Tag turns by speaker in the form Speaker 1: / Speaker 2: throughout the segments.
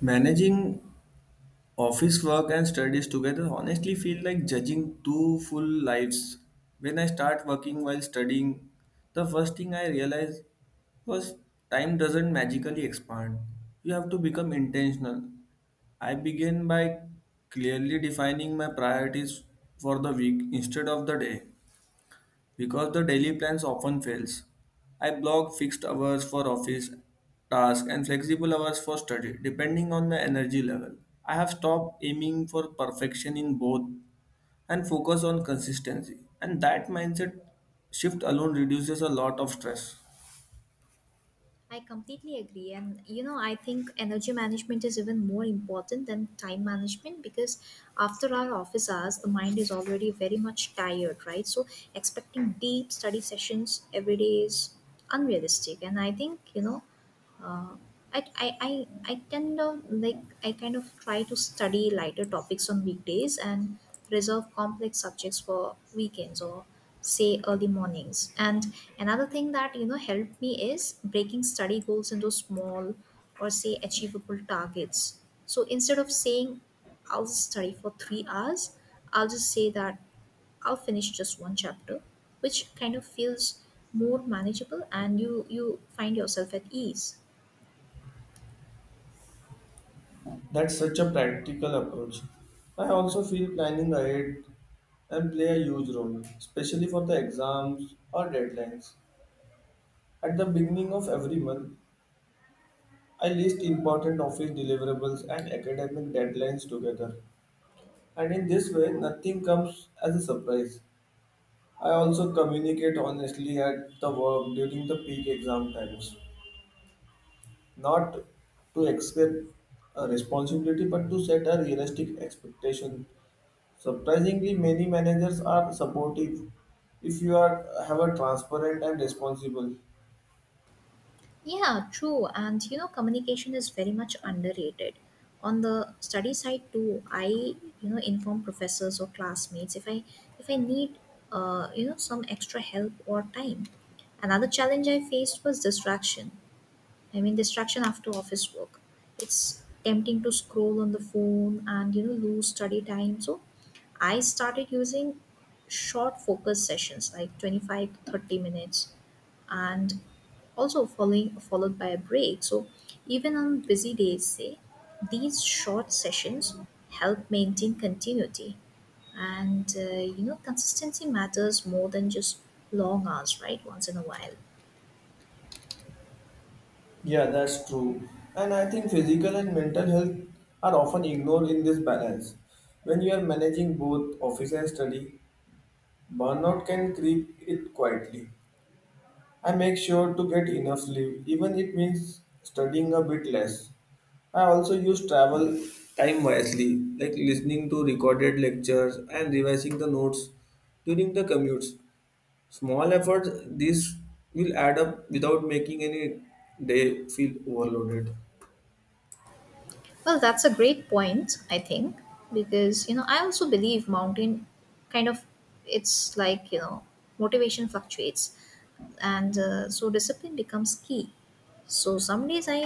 Speaker 1: Managing office work and studies together honestly feel like judging two full lives. When I start working while studying, the first thing I realized was time doesn't magically expand. You have to become intentional. I began by clearly defining my priorities for the week instead of the day. Because the daily plans often fails. I block fixed hours for office tasks and flexible hours for study depending on the energy level. I have stopped aiming for perfection in both and focus on consistency. And that mindset shift alone reduces a lot of stress.
Speaker 2: I completely agree. And, you know, I think energy management is even more important than time management because after our office hours, the mind is already very much tired, right? So, expecting deep study sessions every day is unrealistic. And I think, uh, I tend to I kind of try to study lighter topics on weekdays and reserve complex subjects for weekends or say early mornings. And another thing that helped me is breaking study goals into small or say achievable targets. So instead of saying I'll study for 3 hours, I'll just say that I'll finish just one chapter, which kind of feels more manageable and you find yourself at ease.
Speaker 1: That's such a practical approach. I also feel planning ahead and play a huge role, especially for the exams or deadlines. At the beginning of every month, I list important office deliverables and academic deadlines together, and in this way, nothing comes as a surprise. I also communicate honestly at the work during the peak exam times, not to expect a responsibility but to set a realistic expectation. Surprisingly, many managers are supportive if you are have a transparent and responsible.
Speaker 2: Yeah, true. And you know, communication is very much underrated. On the study side too, I inform professors or classmates if I need you know some extra help or time. Another challenge I faced was distraction. I mean, distraction after office work. It's tempting to scroll on the phone and lose study time. So I started using short focus sessions like 25 to 30 minutes and also following followed by a break, so even on busy days say these short sessions help maintain continuity and you know consistency matters more than just long hours, right? Once in a while,
Speaker 1: Yeah, that's true. And I think physical and mental health are often ignored in this balance. When you are managing both office and study, burnout can creep it quietly. I make sure to get enough sleep, even it means studying a bit less. I also use travel time wisely, like listening to recorded lectures and revising the notes during the commutes. Small efforts, these will add up without making any day feel overloaded.
Speaker 2: well, that's a great point. I think because you know I also believe mountain kind of, it's like you know motivation fluctuates and so discipline becomes key. So some days I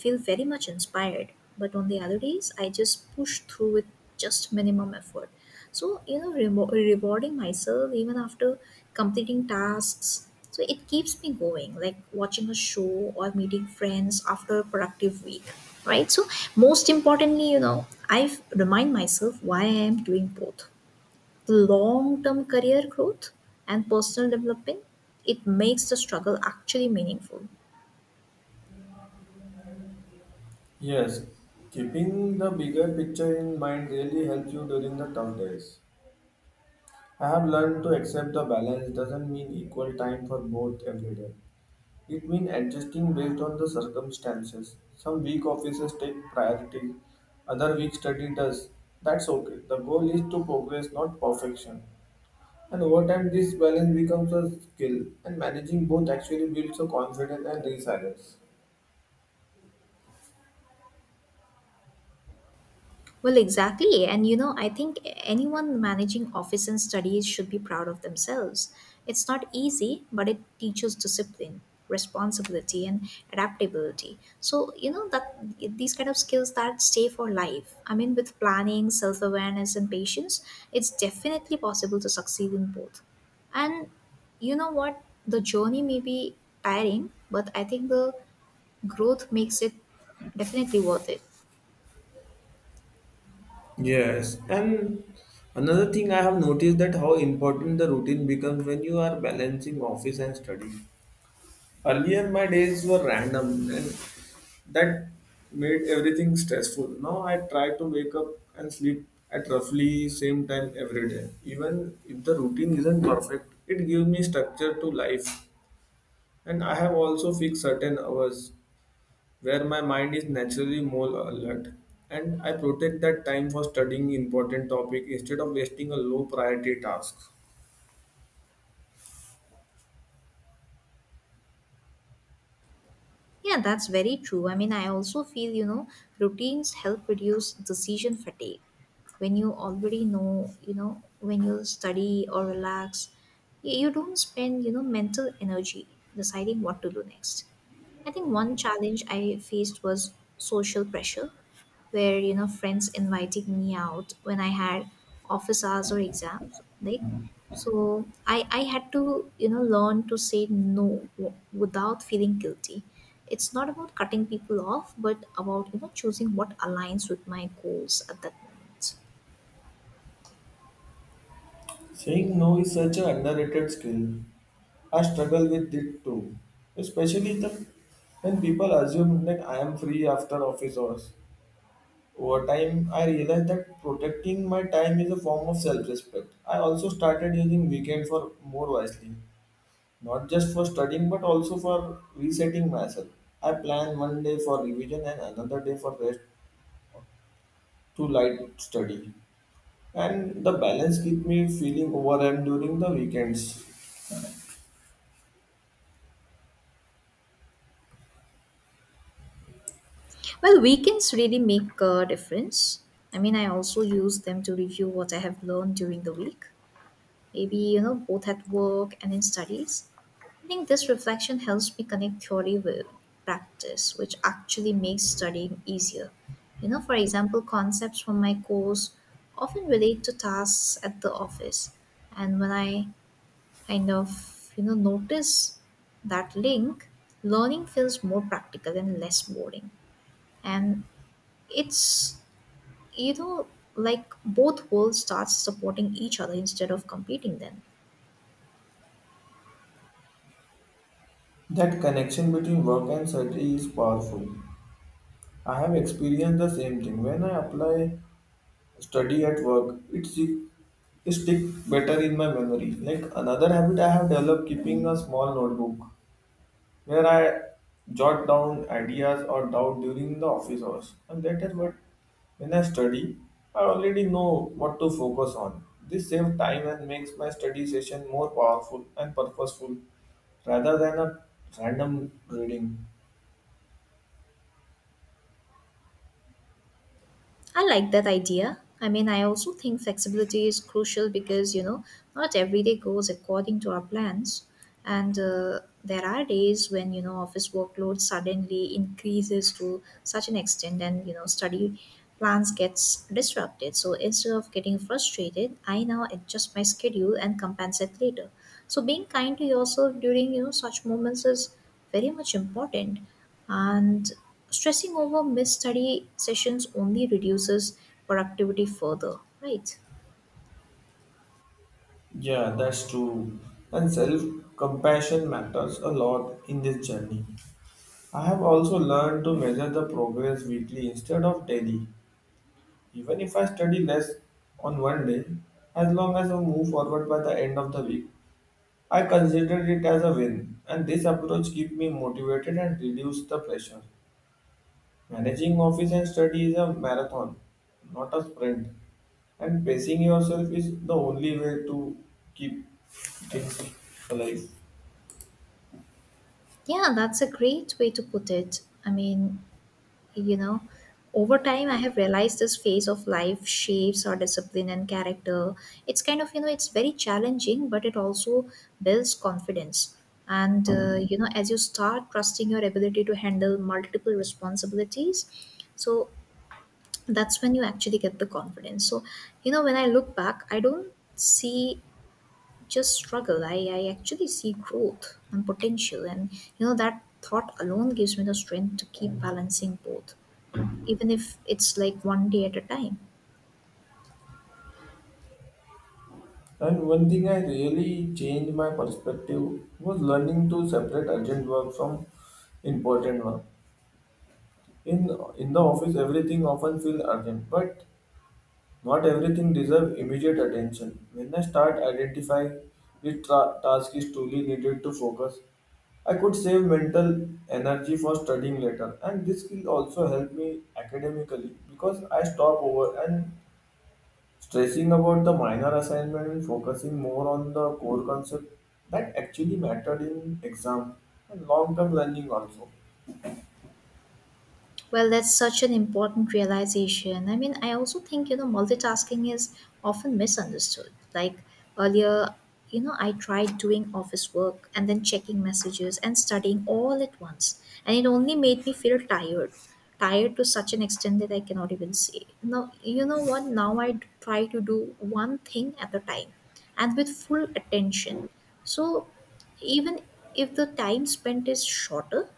Speaker 2: feel very much inspired, but on the other days I just push through with just minimum effort. So you know, rewarding myself even after completing tasks, so it keeps me going, like watching a show or meeting friends after a productive week, right? So most importantly, you know, I remind myself why I am doing both. Long-term career growth and personal development, it makes the struggle actually meaningful.
Speaker 1: Yes, keeping the bigger picture in mind really helps you during the tough days. I have learned to accept the balance doesn't mean equal time for both every day. It means adjusting based on the circumstances. Some week offices take priority, other week study does. That's okay. The goal is to progress, not perfection. And over time, this balance becomes a skill, and managing both actually builds a confidence and resilience.
Speaker 2: Well, exactly. And you know, I think anyone managing office and studies should be proud of themselves. It's not easy, but it teaches discipline, responsibility, and adaptability. So, you know, that these kind of skills that stay for life. I mean, with planning, self awareness, and patience, it's definitely possible to succeed in both. And you know what? The journey may be tiring, but I think the growth makes it definitely worth it.
Speaker 1: Yes, and another thing I have noticed that how important the routine becomes when you are balancing office and study. Earlier, my days were random, and that made everything stressful. Now I try to wake up and sleep at roughly same time every day. Even if the routine isn't perfect, it gives me structure to life, and I have also fixed certain hours where my mind is naturally more alert and I protect that time for studying important topic instead of wasting a low priority task.
Speaker 2: Yeah, that's very true. I mean, I also feel, you know, routines help reduce decision fatigue. When you already know, you know, when you study or relax, you don't spend, you know, mental energy deciding what to do next. I think one challenge I faced was social pressure, where you know friends inviting me out when I had office hours or exams, like so I had to you know learn to say no without feeling guilty. It's not about cutting people off, but about you know choosing what aligns with my goals at that moment.
Speaker 1: Saying no is such an underrated skill. I struggle with it too, especially the, when people assume that I am free after office hours. Over time, I realized that protecting my time is a form of self respect. I also started using weekend for more wisely. Not just for studying, but also for resetting myself. I plan one day for revision and another day for rest to light study. And the balance keeps me feeling overwhelmed during the weekends.
Speaker 2: Well, weekends really make a difference. I mean, I also use them to review what I have learned during the week, maybe you know both at work and in studies. I think this reflection helps me connect theory with practice, which actually makes studying easier. You know, for example, concepts from my course often relate to tasks at the office, and when I kind of you know notice that link, learning feels more practical and less boring. And it's you know like both worlds start supporting each other instead of competing then.
Speaker 1: That connection between work and study is powerful. I have experienced the same thing. When I apply study at work, it stick better in my memory. Like another habit I have developed keeping a small notebook where I jot down ideas or doubt during the office hours. And that is what when I study, I already know what to focus on. This saves time and makes my study session more powerful and purposeful rather than a random reading.
Speaker 2: I like that idea. I mean, I also think flexibility is crucial because, you know, not every day goes according to our plans. And there are days when, you know, office workload suddenly increases to such an extent and, you know, study plans gets disrupted. So instead of getting frustrated, I now adjust my schedule and compensate later. So being kind to yourself during, you know, such moments is very much important. And stressing over missed study sessions only reduces productivity further, right?
Speaker 1: Yeah, that's true. And self compassion matters a lot in this journey. I have also learned to measure the progress weekly instead of daily. Even if I study less on one day, as long as I move forward by the end of the week, I consider it as a win, and this approach keeps me motivated and reduces the pressure. Managing office and study is a marathon, not a sprint, and pacing yourself is the only way to keep things alive.
Speaker 2: Yeah, that's a great way to put it. I mean, you know, over time, I have realized this phase of life shapes our discipline and character. It's kind of, you know, it's very challenging, but it also builds confidence. And, you know, as you start trusting your ability to handle multiple responsibilities, so that's when you actually get the confidence. So, you know, when I look back, I don't see just struggle. I actually see growth and potential, and you know that thought alone gives me the strength to keep balancing both, even if it's like one day at a time.
Speaker 1: And one thing I really changed my perspective was learning to separate urgent work from important work. In in the office, everything often feels urgent, but not everything deserves immediate attention. When I start identifying which task is truly needed to focus, I could save mental energy for studying later, and this will also help me academically because I stop over and stressing about the minor assignment and focusing more on the core concept that actually mattered in exam and long-term learning also.
Speaker 2: Well, that's such an important realization. I mean, I also think, you know, multitasking is often misunderstood. Like earlier, you know, I tried doing office work and then checking messages and studying all at once. And it only made me feel tired to such an extent that I cannot even say. Now, you know what? Now I try to do one thing at a time and with full attention. So even if the time spent is shorter,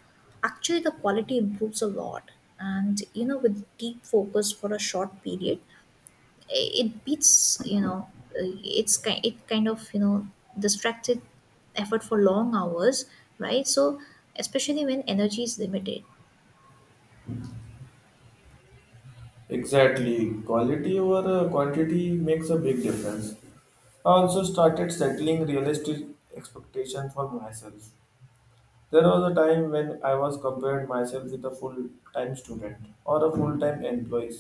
Speaker 2: actually the quality improves a lot. And you know with deep focus for a short period, it beats you know uh, it's kind it kind of you know distracted effort for long hours, right? So especially when energy is limited.
Speaker 1: Exactly. Quality over quantity makes a big difference. I also started settling realistic expectations for myself. There was a time when I was compared myself with a full-time student or a full-time employee,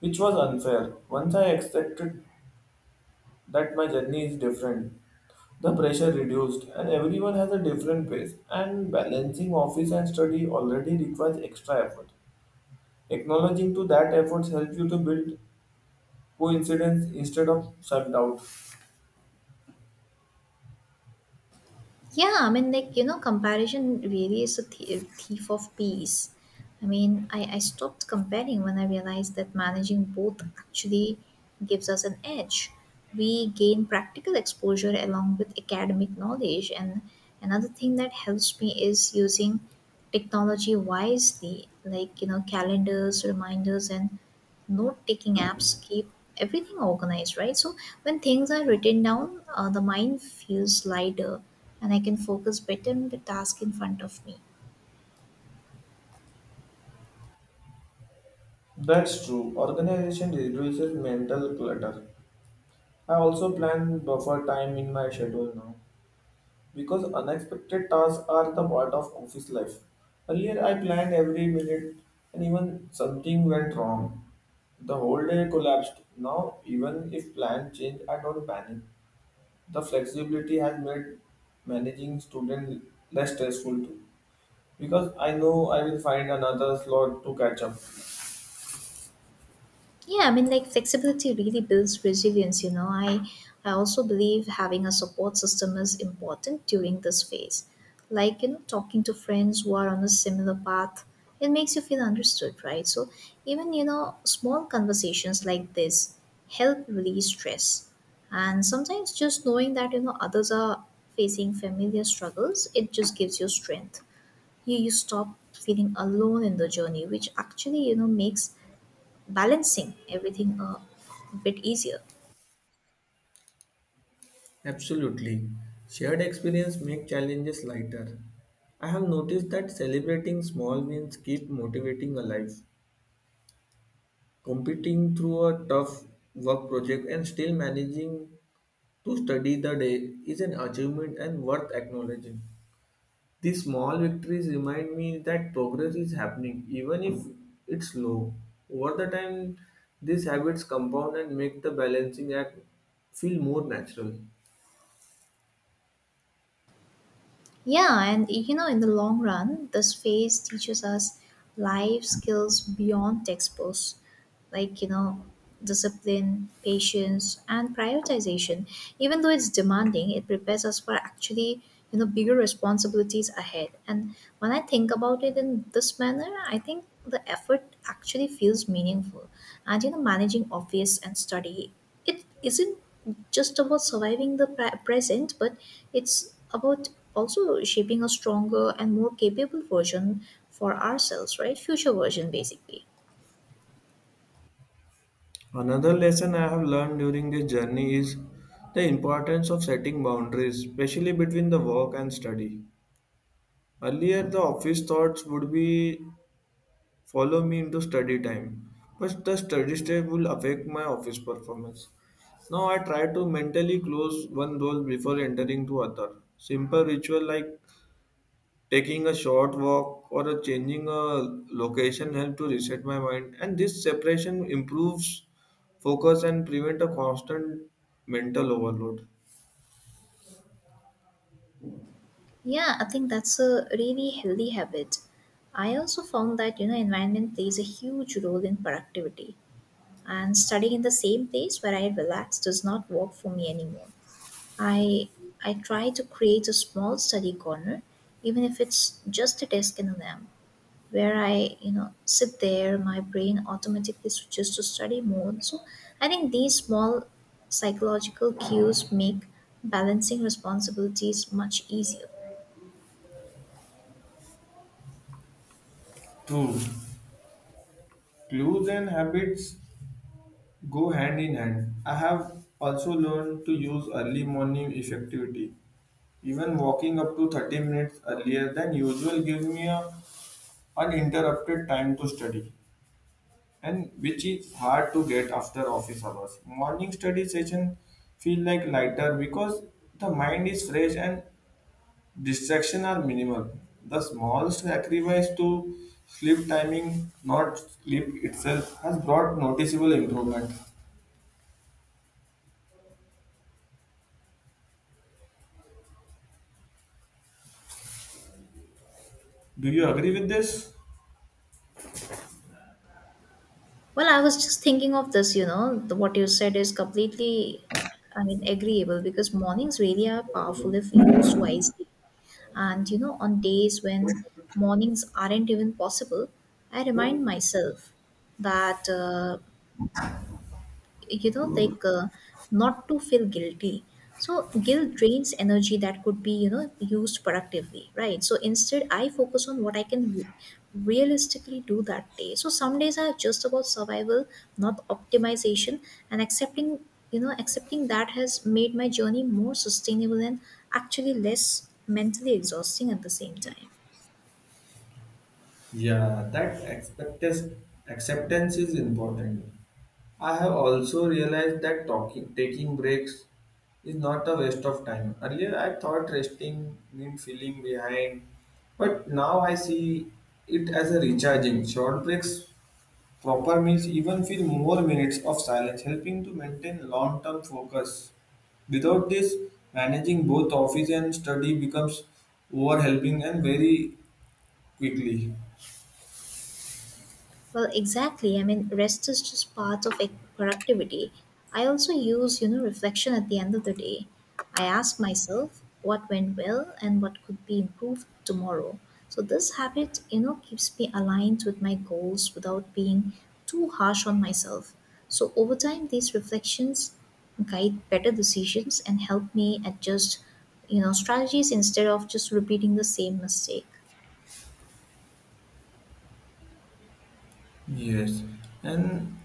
Speaker 1: which was unfair. Once I accepted that my journey is different, the pressure reduced and everyone has a different pace and balancing office and study already requires extra effort. Acknowledging to that efforts helps you to build coincidence instead of self-doubt.
Speaker 2: Yeah, I mean, like, you know, comparison really is a thief of peace. I mean, I stopped comparing when I realized that managing both actually gives us an edge. We gain practical exposure along with academic knowledge. And another thing that helps me is using technology wisely, like, you know, calendars, reminders, and note taking apps keep everything organized, right? So when things are written down, the mind feels lighter and I can focus better on the task in front of me.
Speaker 1: That's true. Organization reduces mental clutter. I also plan buffer time in my schedule now because unexpected tasks are the part of office life. Earlier, I planned every minute, and even something went wrong. The whole day collapsed. Now, even if plan change, I don't panic. The flexibility has made managing student less stressful too, because I know I will find another slot to catch up.
Speaker 2: Yeah, I mean, like flexibility really builds resilience, you know. I also believe having a support system is important during this phase. Like, you know, talking to friends who are on a similar path, it makes you feel understood, right? So, even, you know, small conversations like this help release stress. And sometimes just knowing that, you know, others are facing familiar struggles, it just gives you strength. You stop feeling alone in the journey, which actually, you know, makes balancing everything a bit easier.
Speaker 1: Absolutely. Shared experience make challenges lighter. I have noticed that celebrating small wins keep motivating alive. Competing through a tough work project and still managing to study the day is an achievement and worth acknowledging. These small victories remind me that progress is happening even if it's slow. Over the time, these habits compound and make the balancing act feel more natural.
Speaker 2: Yeah, and you know, in the long run, this phase teaches us life skills beyond textbooks, like you know, discipline, patience, and prioritization. Even though it's demanding, it prepares us for actually you know bigger responsibilities ahead. And when I think about it in this manner, I think the effort actually feels meaningful. And you know, managing office and study, it isn't just about surviving the present, but it's about also shaping a stronger and more capable version for ourselves, right? Future version, basically.
Speaker 1: Another lesson I have learned during this journey is the importance of setting boundaries, especially between the work and study. Earlier, the office thoughts would be follow me into study time, but the study step will affect my office performance. Now I try to mentally close one door before entering to other. Simple ritual like taking a short walk or a changing a location help to reset my mind and this separation improves focus and prevent a constant mental overload.
Speaker 2: Yeah, I think that's a really healthy habit. I also found that, you know, environment plays a huge role in productivity. And studying in the same place where I relax does not work for me anymore. I I try to create a small study corner, even if it's just a desk and a lamp, where I, you know, sit there, my brain automatically switches to study mode. So I think these small psychological cues make balancing responsibilities much easier.
Speaker 1: True. Clues and habits go hand in hand. I have also learned to use early morning effectivity. Even walking up to 30 minutes earlier than usual gives me a uninterrupted time to study, and which is hard to get after office hours. Morning study session feel like lighter because the mind is fresh and distraction are minimal. The small sacrifice to sleep timing, not sleep itself, has brought noticeable improvement. Do you agree with this?
Speaker 2: Well, I was just thinking of this, you know, what you said is completely, I mean, agreeable because mornings really are powerful if used wisely. And, you know, on days when mornings aren't even possible, I remind myself that. You know not to feel guilty, so guilt drains energy that could be you know used productively, right? So instead I focus on what I can realistically do that day. So some days are just about survival, not optimization, and accepting you know accepting that has made my journey more sustainable and actually less mentally exhausting at the same time.
Speaker 1: Yeah, that acceptance is important. I have also realized that talking, taking breaks is not a waste of time. Earlier, I thought resting meant feeling behind, but now I see it as a recharging. Short breaks, proper meals, even few more minutes of silence, helping to maintain long term focus. Without this, managing both office and study becomes overwhelming and very quickly.
Speaker 2: Well, exactly. I mean, rest is just part of like, productivity. I also use, you know, reflection at the end of the day. I ask myself what went well and what could be improved tomorrow. So this habit, you know, keeps me aligned with my goals without being too harsh on myself. So over time, these reflections guide better decisions and help me adjust, you know, strategies instead of just repeating the same mistake.
Speaker 1: Yes, and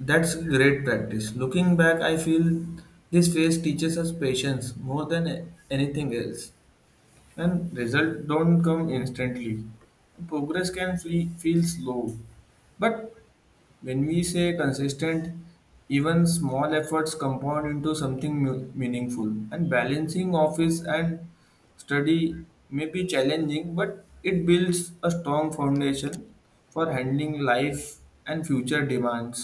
Speaker 1: that's great practice. Looking back, I feel this phase teaches us patience more than anything else, and results don't come instantly. Progress can flee, feel slow, but when we say consistent, even small efforts compound into something meaningful. And balancing office and study may be challenging, but it builds a strong foundation for handling life and future demands.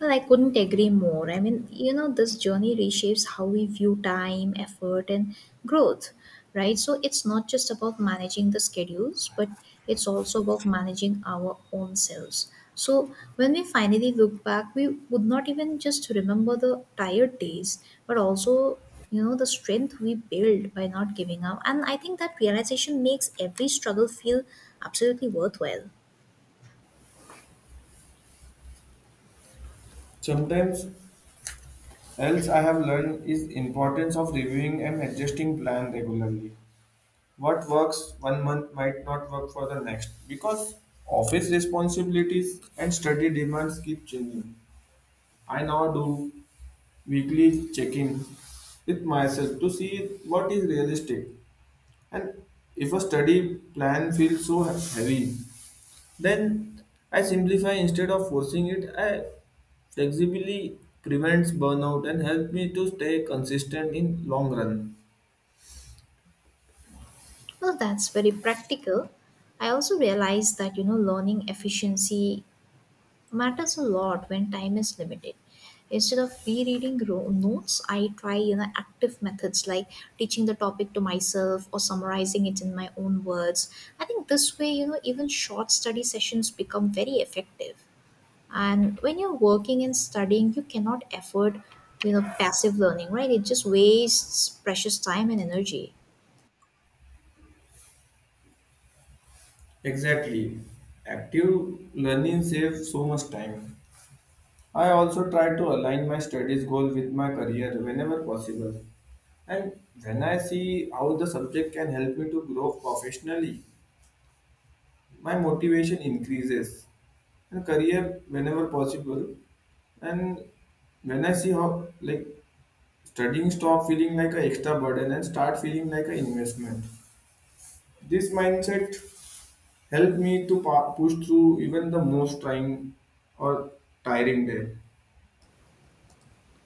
Speaker 2: Well, I couldn't agree more. I mean, you know, this journey reshapes how we view time, effort, and growth, right? So it's not just about managing the schedules, but it's also about managing our own selves. So when we finally look back, we would not even just remember the tired days, but also, you know, the strength we built by not giving up. And I think that realization makes every struggle feel absolutely worthwhile.
Speaker 1: Sometimes else I have learned is importance of reviewing and adjusting plan regularly. What works one month might not work for the next because office responsibilities and study demands keep changing. I now do weekly check-in with myself to see what is realistic, and if a study plan feels so heavy, then I simplify instead of forcing it. I flexibly prevents burnout and helps me to stay consistent in long run.
Speaker 2: Well, that's very practical. I also realized that, you know, learning efficiency matters a lot when time is limited. Instead of rereading notes, I try, you know, active methods like teaching the topic to myself or summarizing it in my own words. I think this way, you know, even short study sessions become very effective. And when you're working and studying, you cannot afford, you know, passive learning, right? It just wastes precious time and energy.
Speaker 1: Exactly. Active learning saves so much time. I also try to align my studies goal with my career whenever possible. And when I see how the subject can help me to grow professionally, my motivation increases. And career whenever possible. And when I see how like studying stop feeling like an extra burden and start feeling like an investment. This mindset help me to push through even the most trying or tiring day.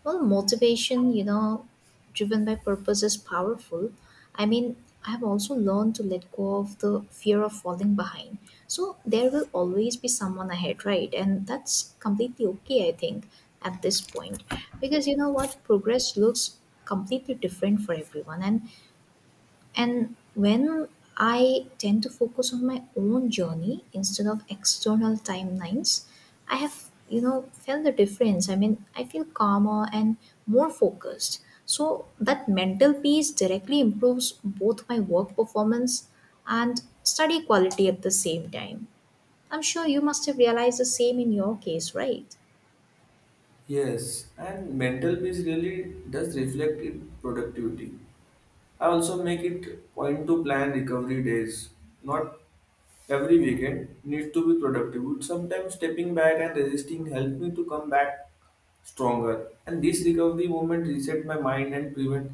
Speaker 2: Well, motivation, you know, driven by purpose is powerful. I mean, I have also learned to let go of the fear of falling behind. So there will always be someone ahead, right? And that's completely okay, I think, at this point. Because you know what? Progress looks completely different for everyone. And when I tend to focus on my own journey instead of external timelines, I have, you know, felt the difference. I mean, I feel calmer and more focused. So that mental peace directly improves both my work performance and study quality at the same time. I'm sure you must have realized the same in your case, right?
Speaker 1: Yes, and mental peace really does reflect in productivity. I also make it point to plan recovery days. Not every weekend needs to be productive. But sometimes stepping back and resisting help me to come back stronger. And this recovery moment reset my mind and prevent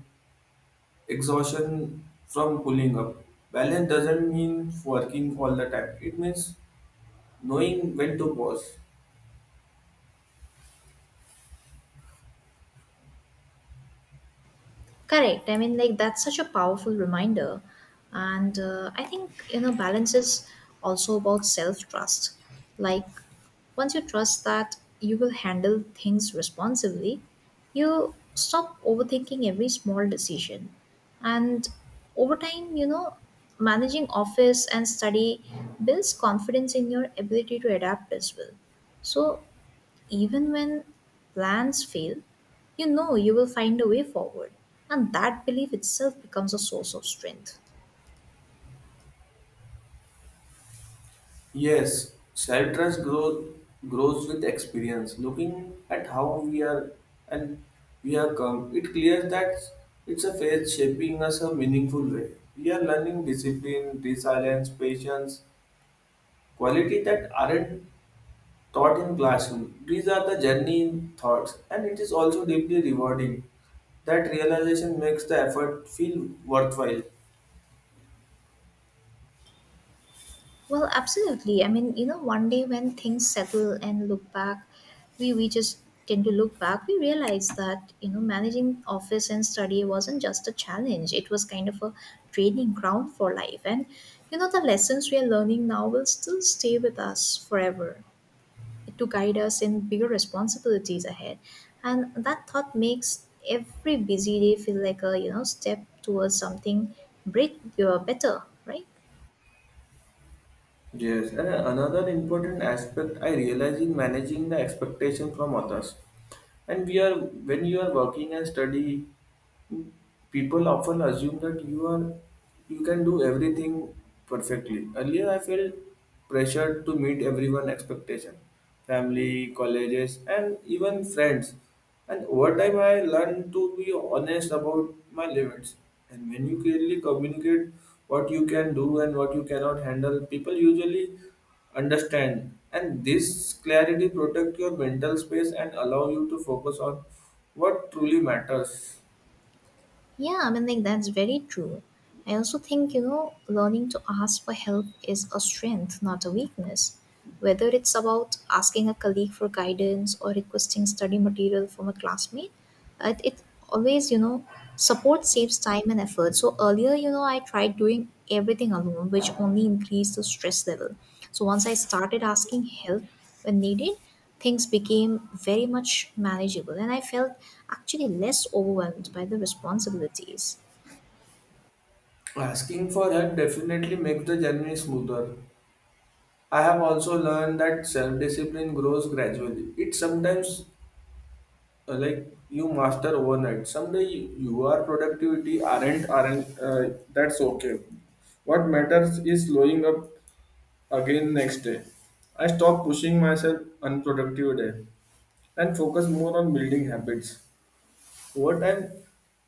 Speaker 1: exhaustion from pulling up. Balance doesn't mean working all the time. It means knowing when to pause.
Speaker 2: Correct. I mean, like that's such a powerful reminder, and I think you know balance is also about self trust. Like once you trust that you will handle things responsibly, you stop overthinking every small decision, and over time, you know, managing office and study builds confidence in your ability to adapt as well. So even when plans fail, you know you will find a way forward. And that belief itself becomes a source of strength.
Speaker 1: Yes, self trust grows with experience. Looking at how we are and we are come, it clears that it's a phase shaping us a meaningful way. We are learning discipline, resilience, patience, quality that aren't taught in classroom. These are the journey in thoughts, and it is also deeply rewarding. That realization makes the effort feel worthwhile.
Speaker 2: Well, absolutely. I mean, you know, one day when things settle and look back, we just tend to look back, we realize that, you know, managing office and study wasn't just a challenge. It was kind of a training ground for life. And, you know, the lessons we are learning now will still stay with us forever, to guide us in bigger responsibilities ahead. And that thought makes every busy day feel like a you know step towards something better, right?
Speaker 1: Yes, and another important aspect I realize in managing the expectation from others. And we are when you are working and study, people often assume that you are you can do everything perfectly. Earlier I felt pressured to meet everyone's expectation, family colleges and even friends, and over time I learned to be honest about my limits. And when you clearly communicate what you can do and what you cannot handle, people usually understand, and this clarity protect your mental space and allow you to focus on what truly matters.
Speaker 2: Yeah, I mean, like that's very true. I also think, you know, learning to ask for help is a strength, not a weakness. Whether it's about asking a colleague for guidance or requesting study material from a classmate, it always, you know, support saves time and effort. So earlier, you know, I tried doing everything alone, which only increased the stress level. So once I started asking help when needed, things became very much manageable and I felt actually less overwhelmed by the responsibilities.
Speaker 1: Asking for help definitely makes the journey smoother. I have also learned that self discipline grows gradually. It sometimes like you master overnight. Someday you, your productivity aren't, that's okay. What matters is slowing up again next day. I stop pushing myself unproductive day and focus more on building habits. Over time,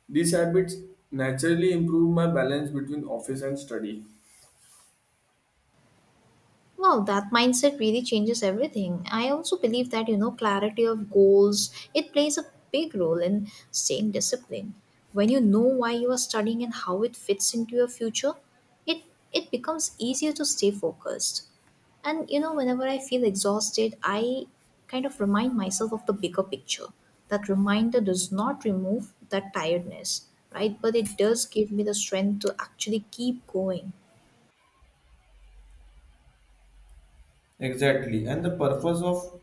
Speaker 1: these habits naturally improve my balance between office and study.
Speaker 2: Wow, that mindset really changes everything. I also believe that, you know, clarity of goals, it plays a big role in staying disciplined. When you know why you are studying and how it fits into your future, it it becomes easier to stay focused. And you know, whenever I feel exhausted, I kind of remind myself of the bigger picture. That reminder does not remove that tiredness, right? But it does give me the strength to actually keep going.
Speaker 1: Exactly, and the purpose of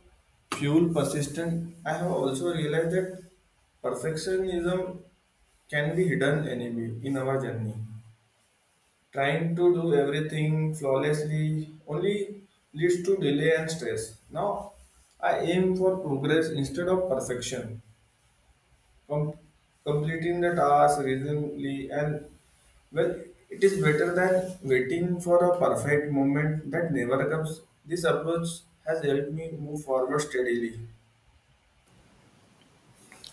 Speaker 1: fuel persistent. I have also realized that perfectionism can be hidden enemy in our journey. Trying to do everything flawlessly only leads to delay and stress. Now, I aim for progress instead of perfection. com- Completing the task reasonably and well, it is better than waiting for a perfect moment that never comes. This approach has helped me move forward steadily.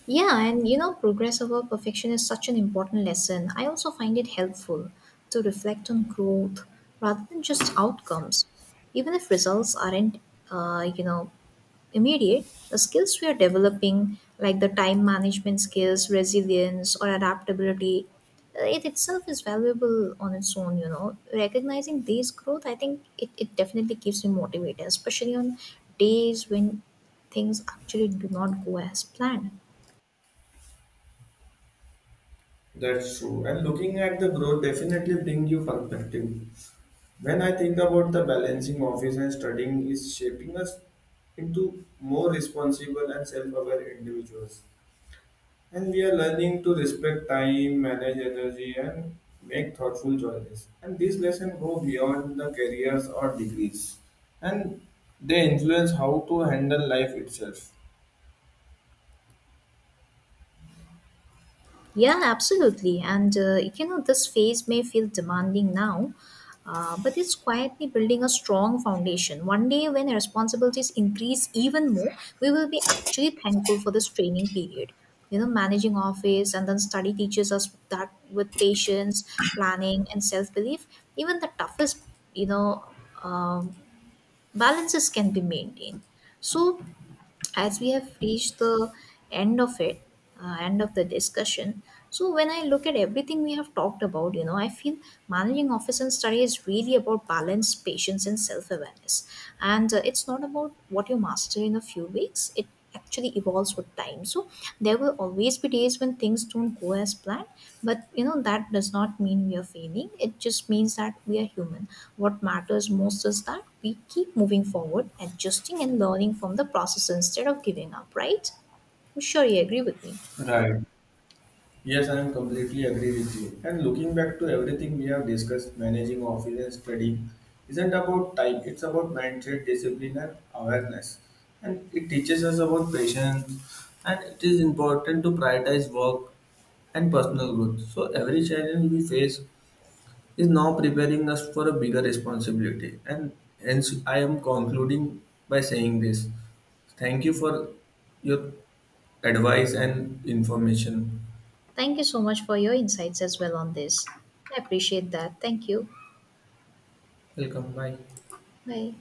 Speaker 2: Yeah, and you know, progress over perfection is such an important lesson. I also find it helpful to reflect on growth rather than just outcomes. Even if results aren't, you know, immediate, the skills we are developing, like the time management skills, resilience, or adaptability, it itself is valuable on its own, you know. Recognizing these growth, I think it definitely keeps me motivated, especially on days when things actually do not go as planned.
Speaker 1: That's true, and looking at the growth definitely brings you perspective. When I think about the balancing office and studying is shaping us into more responsible and self-aware individuals. And we are learning to respect time, manage energy, and make thoughtful choices. And these lessons go beyond the careers or degrees, and they influence how to handle life itself.
Speaker 2: Yeah, absolutely. And you know, this phase may feel demanding now, but it's quietly building a strong foundation. One day, when responsibilities increase even more, we will be actually thankful for this training period. You know, managing office and then study teaches us that with patience, planning, and self belief, even the toughest, you know, um, balances can be maintained. So as we have reached the end of it, end of the discussion, so when I look at everything we have talked about, you know, I feel managing office and study is really about balance, patience and self-awareness, and it's not about what you master in a few weeks. It actually evolves with time. So there will always be days when things don't go as planned, but you know that does not mean we are failing. It just means that we are human. What matters most is that we keep moving forward, adjusting and learning from the process instead of giving up, right? I'm sure you agree with me.
Speaker 1: Right. Yes, I am completely agree with you. And looking back to everything we have discussed, managing office and studying isn't about time, it's about mindset, discipline, and awareness. And it teaches us about patience, and it is important to prioritize work and personal growth. So, every challenge we face is now preparing us for a bigger responsibility. And hence, I am concluding by saying this. Thank you for your advice and information.
Speaker 2: Thank you so much for your insights as well on this. I appreciate that. Thank you.
Speaker 1: Welcome. Bye.
Speaker 2: Bye.